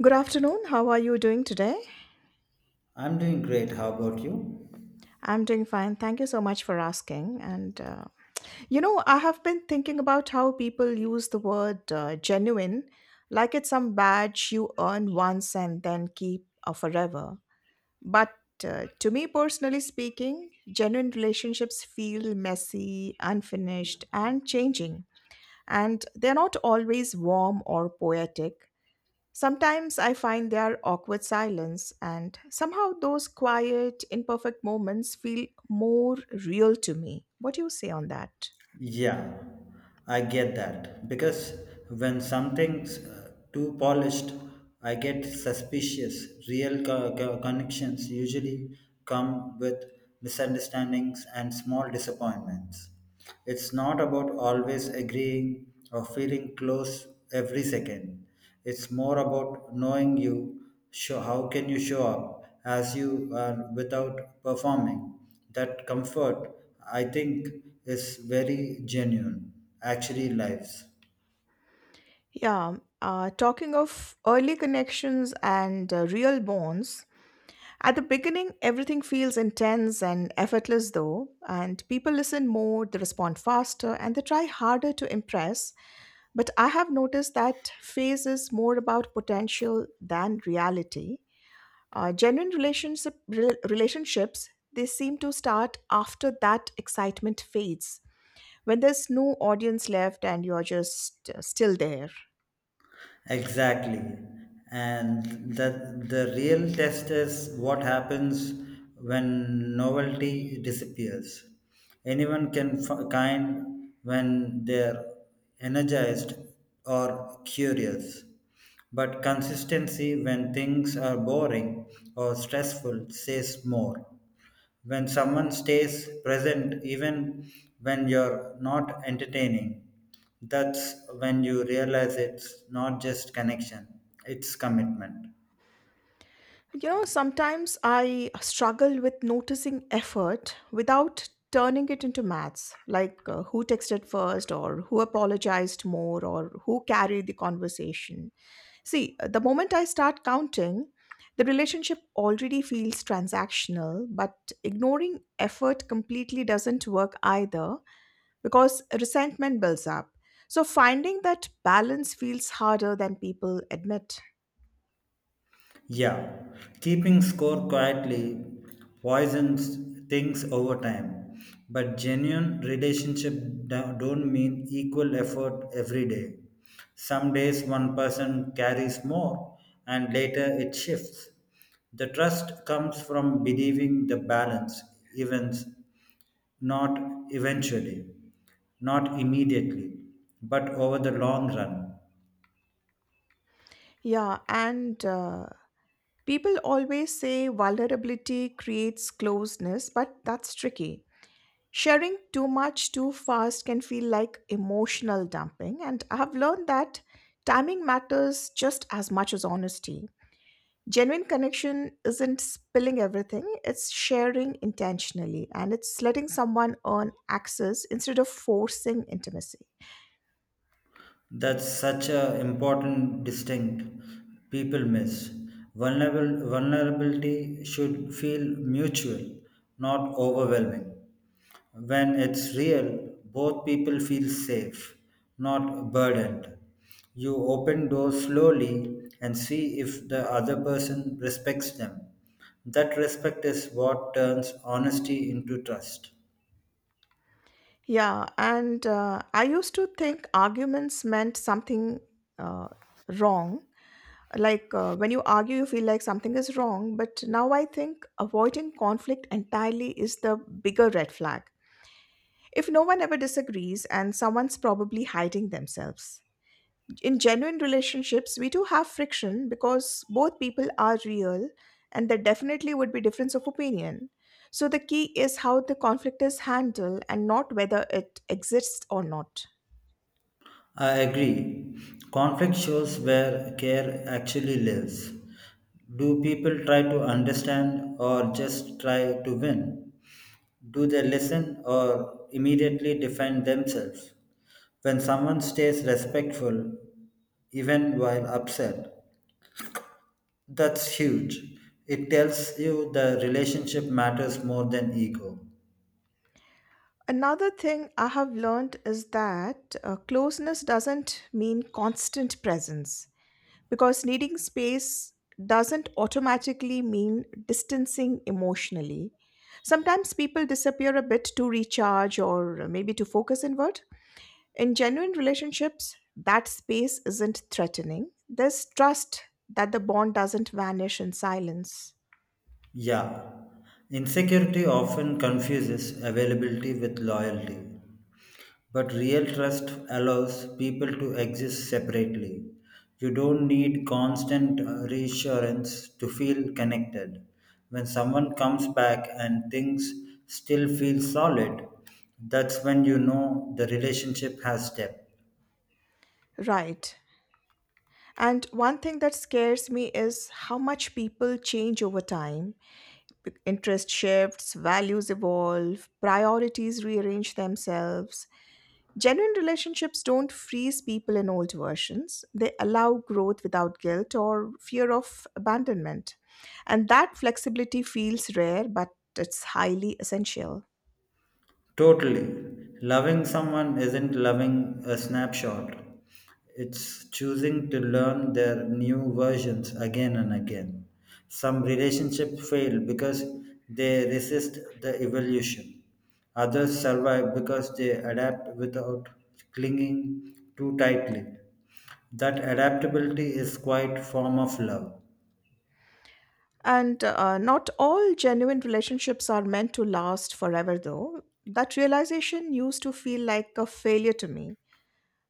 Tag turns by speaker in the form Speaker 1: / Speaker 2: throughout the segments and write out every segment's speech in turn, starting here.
Speaker 1: Good afternoon. How are you doing today?
Speaker 2: I'm doing great. How about you?
Speaker 1: I'm doing fine. Thank you so much for asking. I have been thinking about how people use the word genuine like it's some badge you earn once and then keep forever. But To me, personally speaking, genuine relationships feel messy, unfinished, and changing. And they're not always warm or poetic. Sometimes I find their awkward silence, and somehow those quiet, imperfect moments feel more real to me. What do you say on that?
Speaker 2: Yeah, I get that. Because when something's too polished, I get suspicious. Real connections usually come with misunderstandings and small disappointments. It's not about always agreeing or feeling close every second. It's more about knowing you. How can you show up as you are without performing? That comfort, I think, is very genuine, actually lives.
Speaker 1: Yeah, talking of early connections and real bonds, at the beginning, everything feels intense and effortless, though, and people listen more, they respond faster, and they try harder to impress. But I have noticed that phase is more about potential than reality. Genuine relationships, they seem to start after that excitement fades, when there's no audience left and you're just still there.
Speaker 2: Exactly. And that the real test is what happens when novelty disappears. Anyone can kind when they're energized or curious. But consistency when things are boring or stressful says more. When someone stays present even when you're not entertaining, that's when you realize it's not just connection, it's commitment.
Speaker 1: You know, sometimes I struggle with noticing effort without turning it into maths, like who texted first, or who apologized more, or who carried the conversation. See, the moment I start counting, the relationship already feels transactional, but ignoring effort completely doesn't work either because resentment builds up. So, finding that balance feels harder than people admit.
Speaker 2: Yeah, keeping score quietly poisons things over time. But genuine relationship don't mean equal effort every day. Some days one person carries more and later it shifts. The trust comes from believing the balance events not eventually, not immediately, but over the long run.
Speaker 1: Yeah, and people always say vulnerability creates closeness, but that's tricky. Sharing too much too fast can feel like emotional dumping, and I've learned that timing matters just as much as honesty. Genuine connection isn't spilling everything, it's sharing intentionally and it's letting someone earn access instead of forcing intimacy.
Speaker 2: That's such an important distinct people miss. Vulnerability should feel mutual, not overwhelming. When it's real, both people feel safe, not burdened. You open doors slowly and see if the other person respects them. That respect is what turns honesty into trust.
Speaker 1: Yeah, and I used to think arguments meant something uh, wrong. Like when you argue, you feel like something is wrong, but now I think avoiding conflict entirely is the bigger red flag. If no one ever disagrees and someone's probably hiding themselves. In genuine relationships, we do have friction because both people are real and there definitely would be difference of opinion. So the key is how the conflict is handled and not whether it exists or not.
Speaker 2: I agree. Conflict shows where care actually lives. Do people try to understand or just try to win? Do they listen or immediately defend themselves? When someone stays respectful, even while upset, that's huge. It tells you the relationship matters more than ego.
Speaker 1: Another thing I have learned is that closeness doesn't mean constant presence because needing space doesn't automatically mean distancing emotionally. Sometimes people disappear a bit to recharge or maybe to focus inward. In genuine relationships, that space isn't threatening. There's trust that the bond doesn't vanish in silence.
Speaker 2: Yeah, insecurity often confuses availability with loyalty. But real trust allows people to exist separately. You don't need constant reassurance to feel connected. When someone comes back and things still feel solid, that's when you know the relationship has depth.
Speaker 1: Right. And one thing that scares me is how much people change over time. Interest shifts, values evolve, priorities rearrange themselves. Genuine relationships don't freeze people in old versions, they allow growth without guilt or fear of abandonment. And that flexibility feels rare, but it's highly essential.
Speaker 2: Totally. Loving someone isn't loving a snapshot. It's choosing to learn their new versions again and again. Some relationships fail because they resist the evolution. Others survive because they adapt without clinging too tightly. That adaptability is quite form of love.
Speaker 1: And not all genuine relationships are meant to last forever, though. That realization used to feel like a failure to me.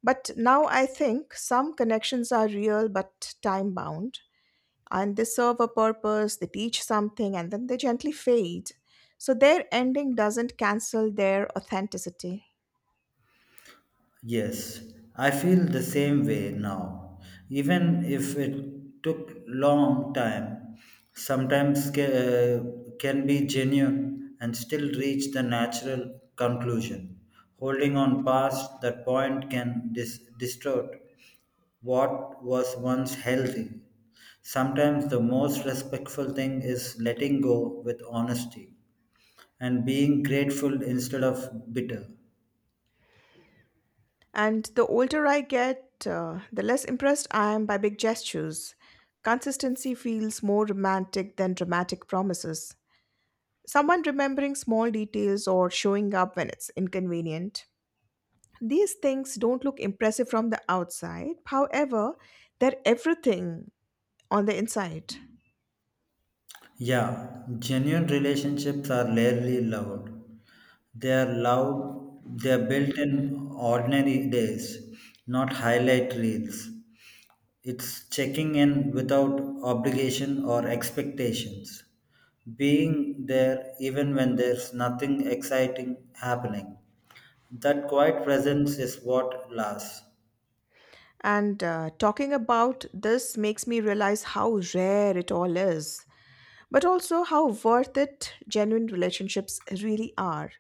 Speaker 1: But now I think some connections are real but time bound, and they serve a purpose, they teach something, and then they gently fade. So their ending doesn't cancel their authenticity.
Speaker 2: Yes, I feel the same way now. Even if it took long time, sometimes uh, can be genuine and still reach the natural conclusion. Holding on past that point can distort what was once healthy. Sometimes the most respectful thing is letting go with honesty and being grateful instead of bitter.
Speaker 1: And the older I get, the less impressed I am by big gestures. Consistency feels more romantic than dramatic promises. Someone remembering small details or showing up when it's inconvenient. These things don't look impressive from the outside. However, they're everything on the inside.
Speaker 2: Yeah, genuine relationships are rarely loud. They are loud. They are built in ordinary days, not highlight reels. It's checking in without obligation or expectations, being there even when there's nothing exciting happening. That quiet presence is what lasts.
Speaker 1: And talking about this makes me realize how rare it all is, but also how worth it genuine relationships really are.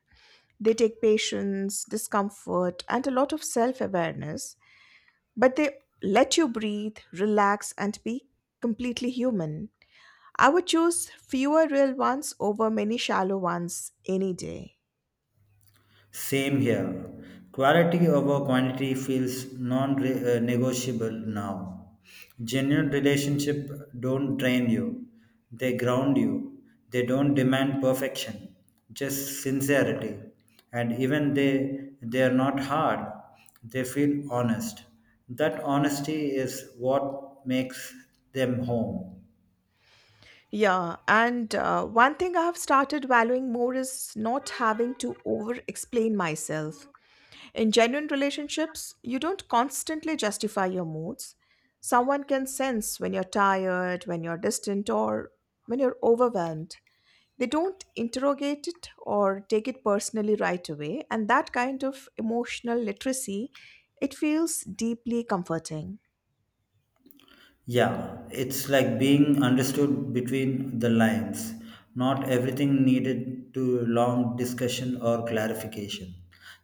Speaker 1: They take patience, discomfort, and a lot of self awareness, but they let you breathe, relax, and be completely human. I would choose fewer real ones over many shallow ones any day.
Speaker 2: Same here. Quality over quantity feels non-negotiable now. Genuine relationship don't drain you. They ground you. They don't demand perfection, just sincerity. And even they are not hard. They feel honest. That honesty is what makes them home.
Speaker 1: Yeah, and one thing I have started valuing more is not having to over explain myself. In genuine relationships, you don't constantly justify your moods. Someone can sense when you're tired, when you're distant, or when you're overwhelmed they don't interrogate it or take it personally right away and that kind of emotional literacy it feels deeply comforting.
Speaker 2: Yeah, it's like being understood between the lines. Not everything needed to long discussion or clarification.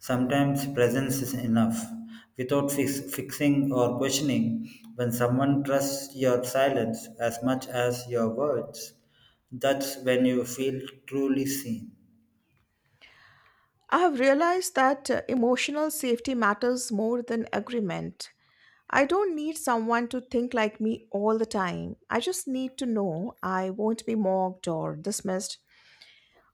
Speaker 2: Sometimes presence is enough. Without fixing or questioning, when someone trusts your silence as much as your words, that's when you feel truly seen.
Speaker 1: I have realized that emotional safety matters more than agreement. I don't need someone to think like me all the time. I just need to know I won't be mocked or dismissed.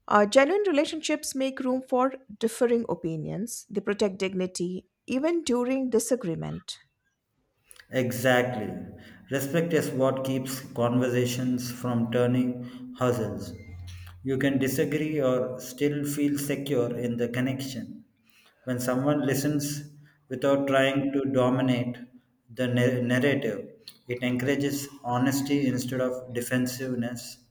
Speaker 1: Genuine relationships make room for differing opinions, they protect dignity, even during disagreement.
Speaker 2: Exactly. Respect is what keeps conversations from turning hustles. You can disagree or still feel secure in the connection. When someone listens without trying to dominate the narrative, it encourages honesty instead of defensiveness.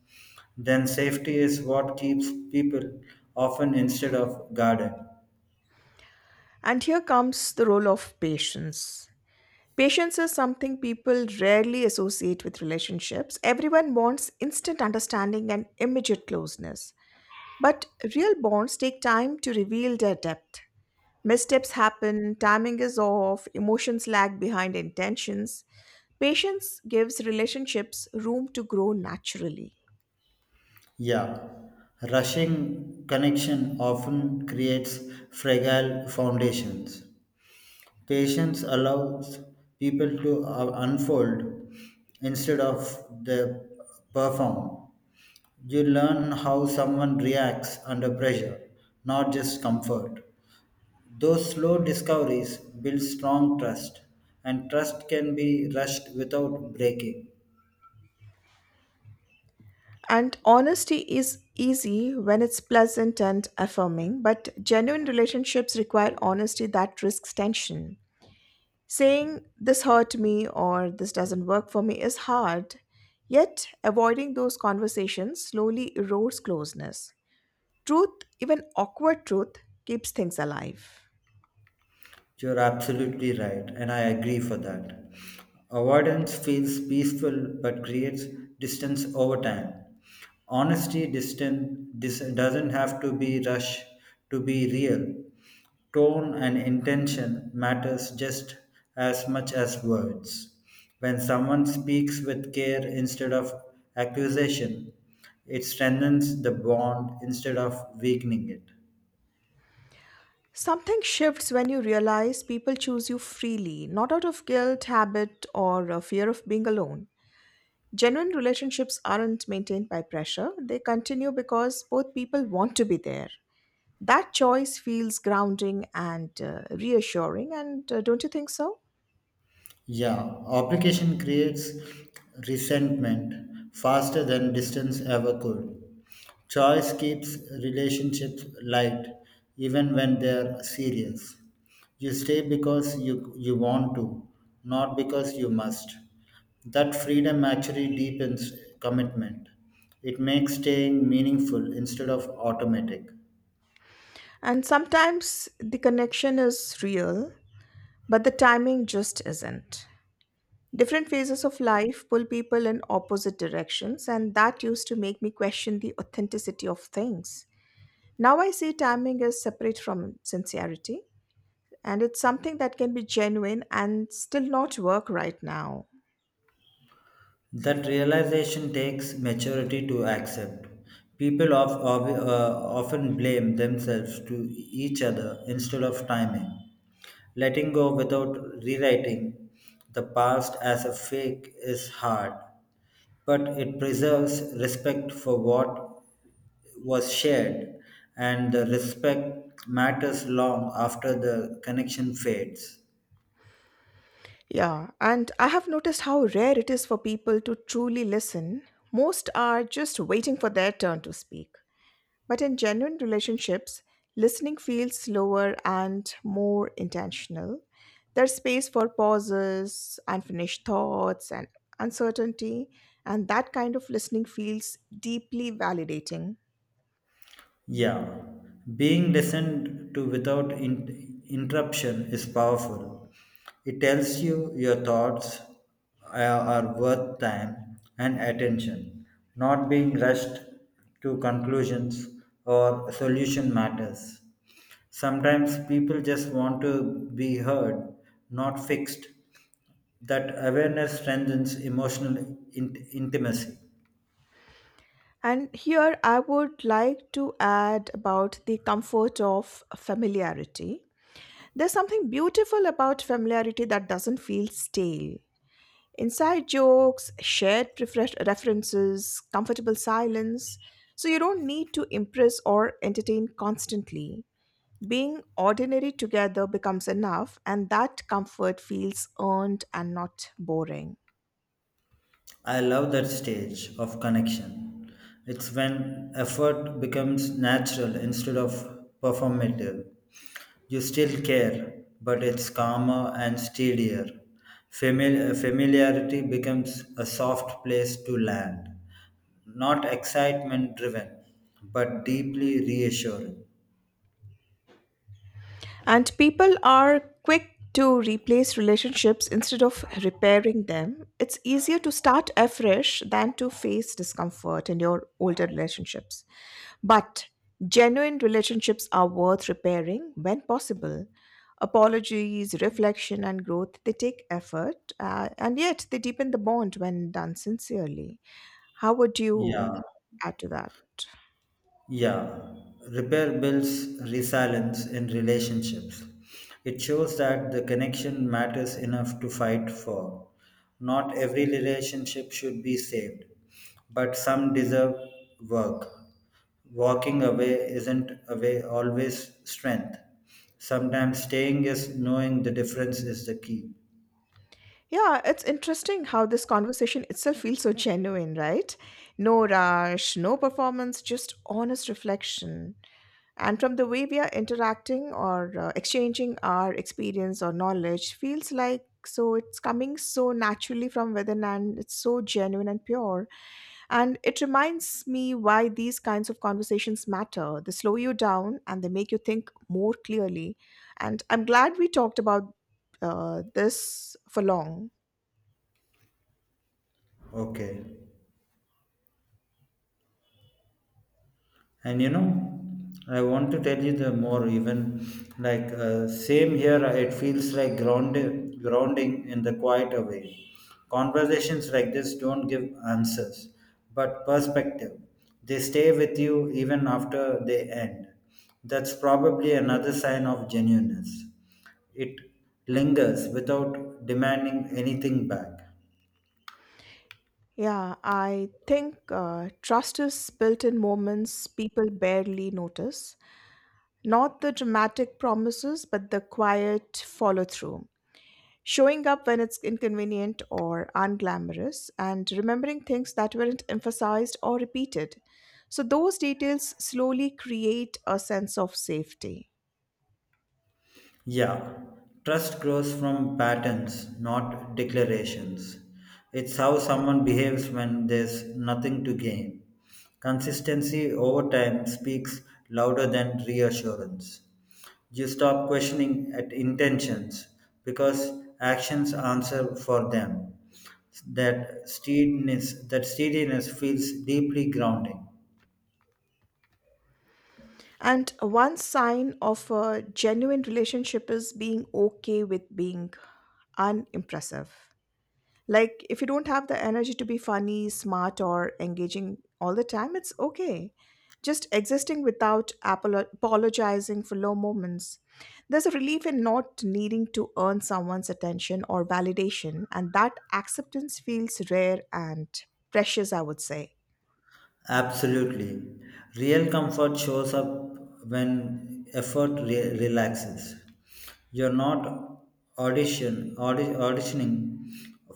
Speaker 2: Then safety is what keeps people often instead of guarded.
Speaker 1: And here comes the role of patience. Patience is something people rarely associate with relationships. Everyone wants instant understanding and immediate closeness. But real bonds take time to reveal their depth. Missteps happen, timing is off, emotions lag behind intentions. Patience gives relationships room to grow naturally.
Speaker 2: Yeah, rushing connection often creates fragile foundations. Patience allows people to unfold instead of the perform. You learn how someone reacts under pressure, not just comfort. Those slow discoveries build strong trust, and trust can be rushed without breaking.
Speaker 1: And honesty is easy when it's pleasant and affirming, but genuine relationships require honesty that risks tension. Saying, this hurt me or this doesn't work for me is hard, yet avoiding those conversations slowly erodes closeness. Truth, even awkward truth, keeps things alive.
Speaker 2: You're absolutely right, and I agree for that. Avoidance feels peaceful but creates distance over time. Honesty distant, doesn't have to be rushed to be real. Tone and intention matters just as much as words. When someone speaks with care instead of accusation, it strengthens the bond instead of weakening it.
Speaker 1: Something shifts when you realize people choose you freely, not out of guilt, habit, or a fear of being alone. Genuine relationships aren't maintained by pressure, they continue because both people want to be there. That choice feels grounding and reassuring, and don't you think so?
Speaker 2: Yeah, obligation creates resentment faster than distance ever could. Choice keeps relationships light even when they're serious. You stay because you want to, not because you must. That freedom actually deepens commitment. It makes staying meaningful instead of automatic.
Speaker 1: And sometimes the connection is real, but the timing just isn't. Different phases of life pull people in opposite directions, and that used to make me question the authenticity of things. Now I see timing as separate from sincerity, and it's something that can be genuine and still not work right now.
Speaker 2: That realization takes maturity to accept. People often blame themselves to each other instead of timing. Letting go without rewriting the past as a fake is hard, but it preserves respect for what was shared, and the respect matters long after the connection fades.
Speaker 1: Yeah, and I have noticed how rare it is for people to truly listen. Most are just waiting for their turn to speak. But in genuine relationships, listening feels slower and more intentional. There's space for pauses, unfinished thoughts, and uncertainty, and that kind of listening feels deeply validating.
Speaker 2: Yeah, being listened to without interruption is powerful. It tells you your thoughts are worth time and attention. Not being rushed to conclusions or solution matters. Sometimes people just want to be heard, not fixed. That awareness strengthens emotional intimacy.
Speaker 1: And here I would like to add about the comfort of familiarity. There's something beautiful about familiarity that doesn't feel stale. Inside jokes, shared references, comfortable silence, so you don't need to impress or entertain constantly. Being ordinary together becomes enough, and that comfort feels earned and not boring.
Speaker 2: I love that stage of connection. It's when effort becomes natural instead of performative. You still care, but it's calmer and steadier. Familiarity becomes a soft place to land. Not excitement driven, but deeply reassuring.
Speaker 1: And people are quick to replace relationships instead of repairing them. It's easier to start afresh than to face discomfort in your older relationships. But genuine relationships are worth repairing when possible. Apologies, reflection, and growth, they take effort, and yet they deepen the bond when done sincerely. How would you
Speaker 2: Yeah.
Speaker 1: add to that?
Speaker 2: Yeah, repair builds resilience in relationships. It shows that the connection matters enough to fight for. Not every relationship should be saved, but some deserve work. Walking away isn't away always strength. Sometimes staying is knowing the difference is the key.
Speaker 1: Yeah, it's interesting how this conversation itself feels so genuine, right? No rush, no performance, just honest reflection. And from the way we are interacting or exchanging our experience or knowledge, feels like so it's coming so naturally from within and it's so genuine and pure. And it reminds me why these kinds of conversations matter. They slow you down and they make you think more clearly. And I'm glad we talked about this for long.
Speaker 2: Okay. And you know, I want to tell you the more even, same here, it feels like grounded, grounding in the quiet way. Conversations like this don't give answers but perspective. They stay with you even after they end. That's probably another sign of genuineness. It lingers without demanding anything back.
Speaker 1: Yeah, I think trust is built in moments people barely notice. Not the dramatic promises, but the quiet follow through. Showing up when it's inconvenient or unglamorous, and remembering things that weren't emphasized or repeated. So, those details slowly create a sense of safety.
Speaker 2: Yeah, trust grows from patterns, not declarations. It's how someone behaves when there's nothing to gain. Consistency over time speaks louder than reassurance. You stop questioning at intentions because actions answer for them. That steadiness feels deeply grounding.
Speaker 1: And one sign of a genuine relationship is being okay with being unimpressive. Like, if you don't have the energy to be funny, smart, or engaging all the time, it's okay. Just existing without apologizing for low moments. There's a relief in not needing to earn someone's attention or validation, and that acceptance feels rare and precious, I would say.
Speaker 2: Absolutely. Real comfort shows up when effort relaxes. You're not auditioning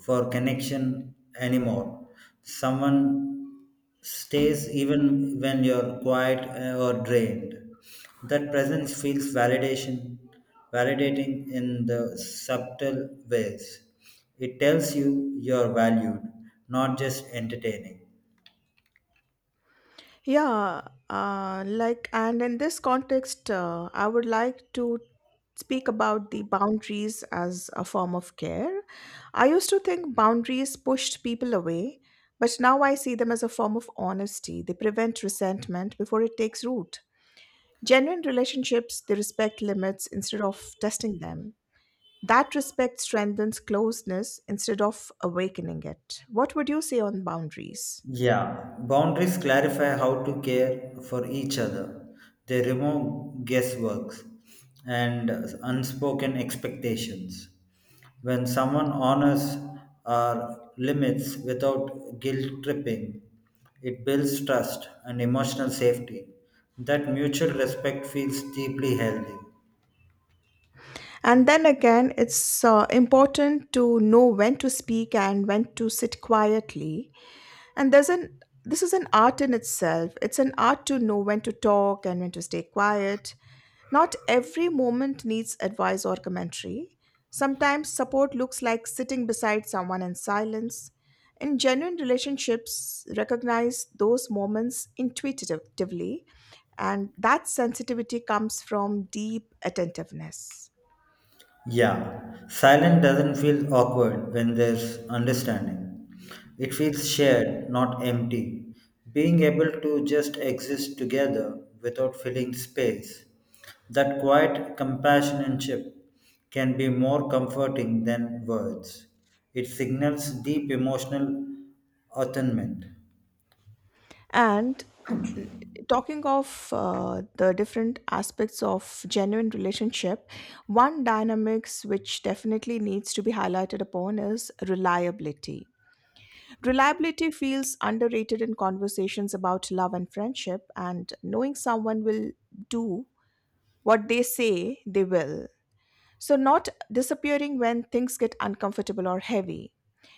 Speaker 2: for connection anymore. Someone stays even when you're quiet or drained. That presence feels validating in the subtle ways. It tells you you're valued, not just entertaining.
Speaker 1: Yeah, like, and in this context, I would like to speak about the boundaries as a form of care. I used to think boundaries pushed people away, but now I see them as a form of honesty. They prevent resentment before it takes root. Genuine relationships, they respect limits instead of testing them. That respect strengthens closeness instead of awakening it. What would you say on boundaries?
Speaker 2: Yeah, boundaries clarify how to care for each other. They remove guesswork and unspoken expectations. When someone honors our limits without guilt tripping, it builds trust and emotional safety. That mutual respect feels deeply healthy.
Speaker 1: And then again, it's important to know when to speak and when to sit quietly. And there's an This is an art in itself. It's an art to know when to talk and when to stay quiet. Not every moment needs advice or commentary. Sometimes support looks like sitting beside someone in silence. In genuine relationships, recognize those moments intuitively, and that sensitivity comes from deep attentiveness.
Speaker 2: Yeah, silence doesn't feel awkward when there's understanding. It feels shared, not empty. Being able to just exist together without filling space. That quiet companionship can be more comforting than words. It signals deep emotional attunement.
Speaker 1: And talking of the different aspects of genuine relationship, one dynamics which definitely needs to be highlighted upon is reliability. Reliability feels underrated in conversations about love and friendship, and knowing someone will do what they say they will so, not disappearing when things get uncomfortable or heavy.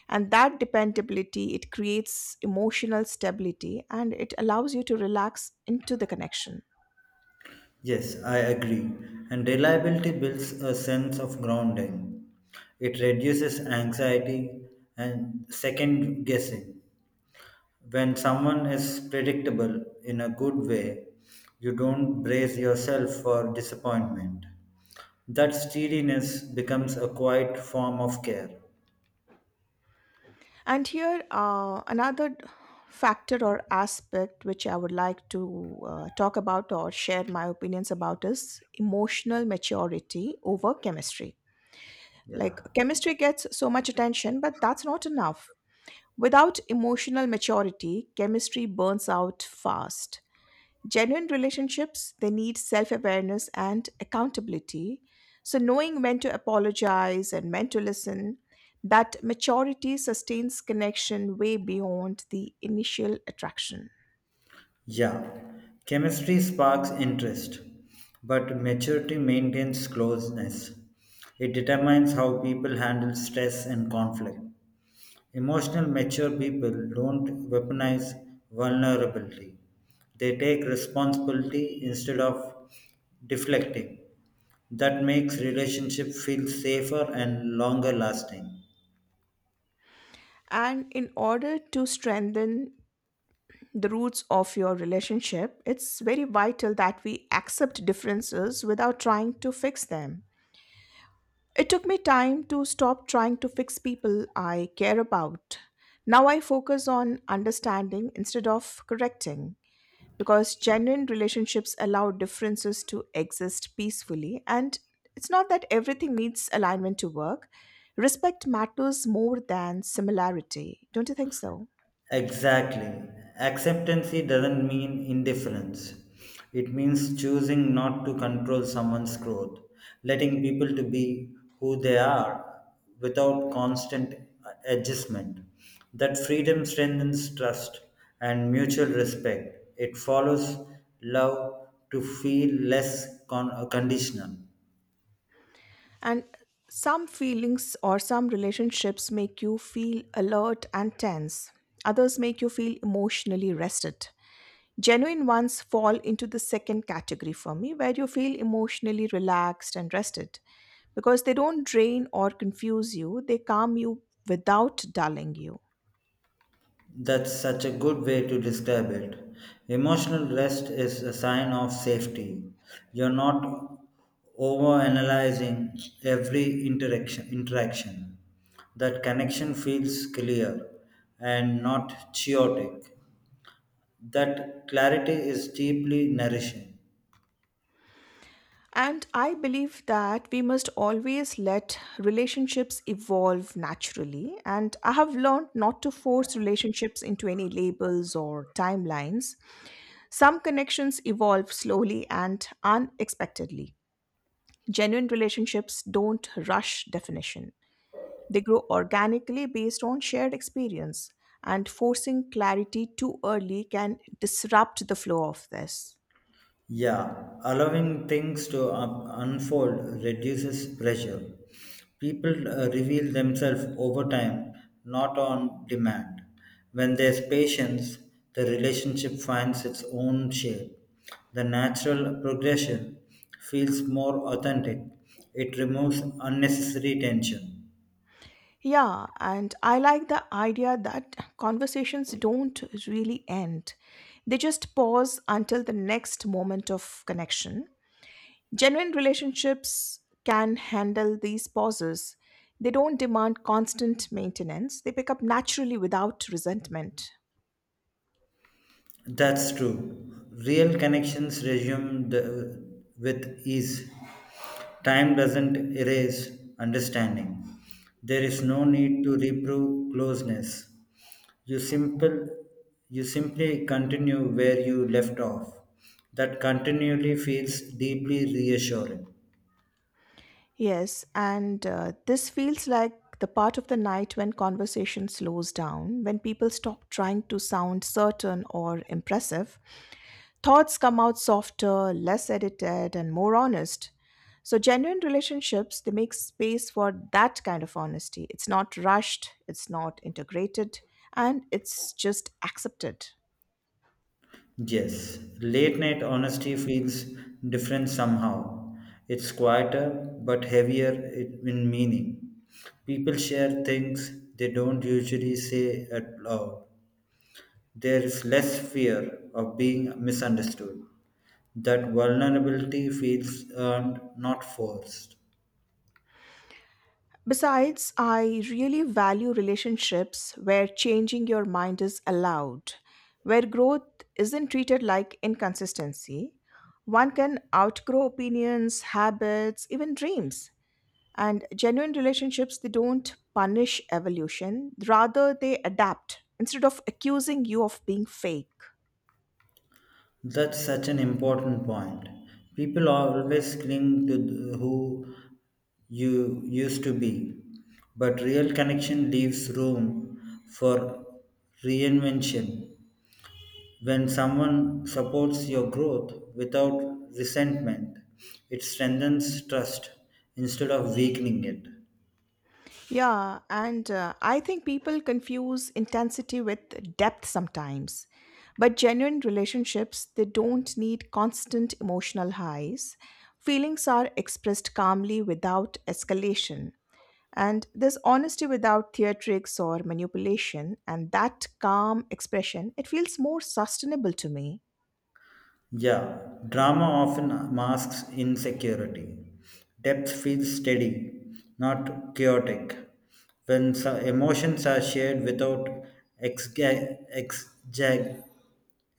Speaker 1: And that dependability, it creates emotional stability and it allows you to relax into the connection.
Speaker 2: Yes, I agree. And reliability builds a sense of grounding. It reduces anxiety and second guessing. When someone is predictable in a good way, you don't brace yourself for disappointment. That steadiness becomes a quiet form of care.
Speaker 1: And here, another factor or aspect which I would like to talk about or share my opinions about is emotional maturity over chemistry.
Speaker 2: Yeah.
Speaker 1: Like, chemistry gets so much attention, but that's not enough. Without emotional maturity, chemistry burns out fast. Genuine relationships, they need self awareness and accountability. So, knowing when to apologize and when to listen, that maturity sustains connection way beyond the initial attraction.
Speaker 2: Yeah, chemistry sparks interest, but maturity maintains closeness. It determines how people handle stress and conflict. Emotional mature people don't weaponize vulnerability. They take responsibility instead of deflecting. That makes relationship feel safer and longer lasting.
Speaker 1: And in order to strengthen the roots of your relationship, it's very vital that we accept differences without trying to fix them. It took me time to stop trying to fix people I care about. Now I focus on understanding instead of correcting, because genuine relationships allow differences to exist peacefully, and it's not that everything needs alignment to work. Respect matters more than similarity. Don't you think so?
Speaker 2: Exactly. Acceptancy doesn't mean indifference. It means choosing not to control someone's growth, letting people to be who they are without constant adjustment. That freedom strengthens trust and mutual respect. It follows love to feel less conditional.
Speaker 1: And some feelings or some relationships make you feel alert and tense, others make you feel emotionally rested. Genuine ones fall into the second category for me, where you feel emotionally relaxed and rested because they don't drain or confuse you, they calm you without dulling you.
Speaker 2: That's such a good way to describe it. Emotional rest is a sign of safety. You're not overanalyzing every interaction. That connection feels clear and not chaotic. That clarity is deeply nourishing.
Speaker 1: And I believe that we must always let relationships evolve naturally. And I have learned not to force relationships into any labels or timelines. Some connections evolve slowly and unexpectedly. Genuine relationships don't rush definition, they grow organically based on shared experience. And forcing clarity too early can disrupt the flow of this.
Speaker 2: Yeah, allowing things to unfold reduces pressure. People reveal themselves over time, not on demand. When there's patience, the relationship finds its own shape. The natural progression feels more authentic, it removes unnecessary tension.
Speaker 1: Yeah, and I like the idea that conversations don't really end. They just pause until the next moment of connection. Genuine relationships can handle these pauses. They don't demand constant maintenance, they pick up naturally without resentment.
Speaker 2: That's true. Real connections resume the, with ease. Time doesn't erase understanding. There is no need to reprove closeness. You simple you simply continue where you left off. That continually feels deeply reassuring.
Speaker 1: Yes, and this feels like the part of the night when conversation slows down, when people stop trying to sound certain or impressive. Thoughts come out softer, less edited, and more honest. So, genuine relationships, they make space for that kind of honesty. It's not rushed, it's not integrated, and it's just accepted.
Speaker 2: Yes, late night honesty feels different somehow. It's quieter but heavier in meaning. People share things they don't usually say at all. There is less fear of being misunderstood. That vulnerability feels earned, not forced.
Speaker 1: Besides, I really value relationships where changing your mind is allowed, where growth isn't treated like inconsistency. One can outgrow opinions, habits, even dreams. And genuine relationships, they don't punish evolution, rather, they adapt instead of accusing you of being fake.
Speaker 2: That's such an important point. People always cling to who you used to be, but real connection leaves room for reinvention. When someone supports your growth without resentment, it strengthens trust instead of weakening it.
Speaker 1: Yeah, and I think people confuse intensity with depth sometimes. But genuine relationships, they don't need constant emotional highs. Feelings are expressed calmly without escalation. And there's honesty without theatrics or manipulation, and that calm expression, it feels more sustainable to me.
Speaker 2: Yeah, drama often masks insecurity. Depth feels steady, not chaotic. When emotions are shared without exga- exag-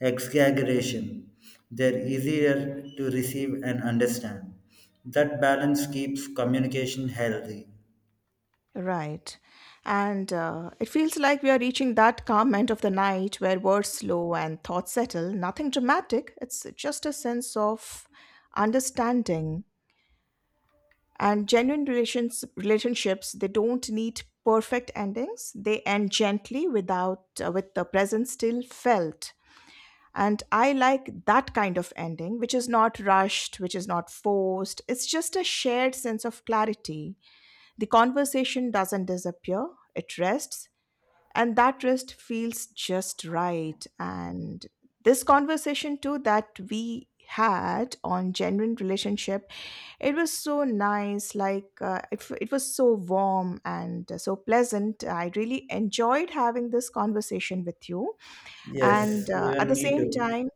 Speaker 2: exaggeration, they're easier to receive and understand. That balance keeps communication healthy.
Speaker 1: Right. And it feels like we are reaching that calm end of the night where words slow and thoughts settle. Nothing dramatic, it's just a sense of understanding. And genuine relationships, they don't need perfect endings. They end gently without with the present still felt. And I like that kind of ending, which is not rushed, which is not forced. It's just a shared sense of clarity. The conversation doesn't disappear, it rests, and that rest feels just right. And this conversation, too, that we had on genuine relationship, it was so nice, like it was so warm and so pleasant. I really enjoyed having this conversation with you. And
Speaker 2: Yes,
Speaker 1: at
Speaker 2: even
Speaker 1: the
Speaker 2: me
Speaker 1: same
Speaker 2: too.
Speaker 1: time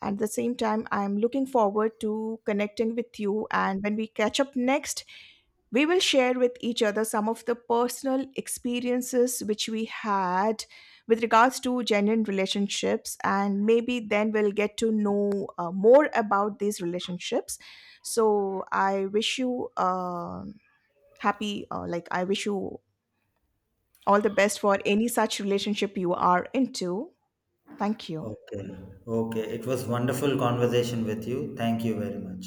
Speaker 1: at the same time, I'm looking forward to connecting with you. And when we catch up next, we will share with each other some of the personal experiences which we had with regards to genuine relationships. And maybe then we'll get to know more about these relationships. So I wish you I wish you all the best for any such relationship you are into. Thank you.
Speaker 2: Okay, okay. It was wonderful conversation with you. Thank you very much.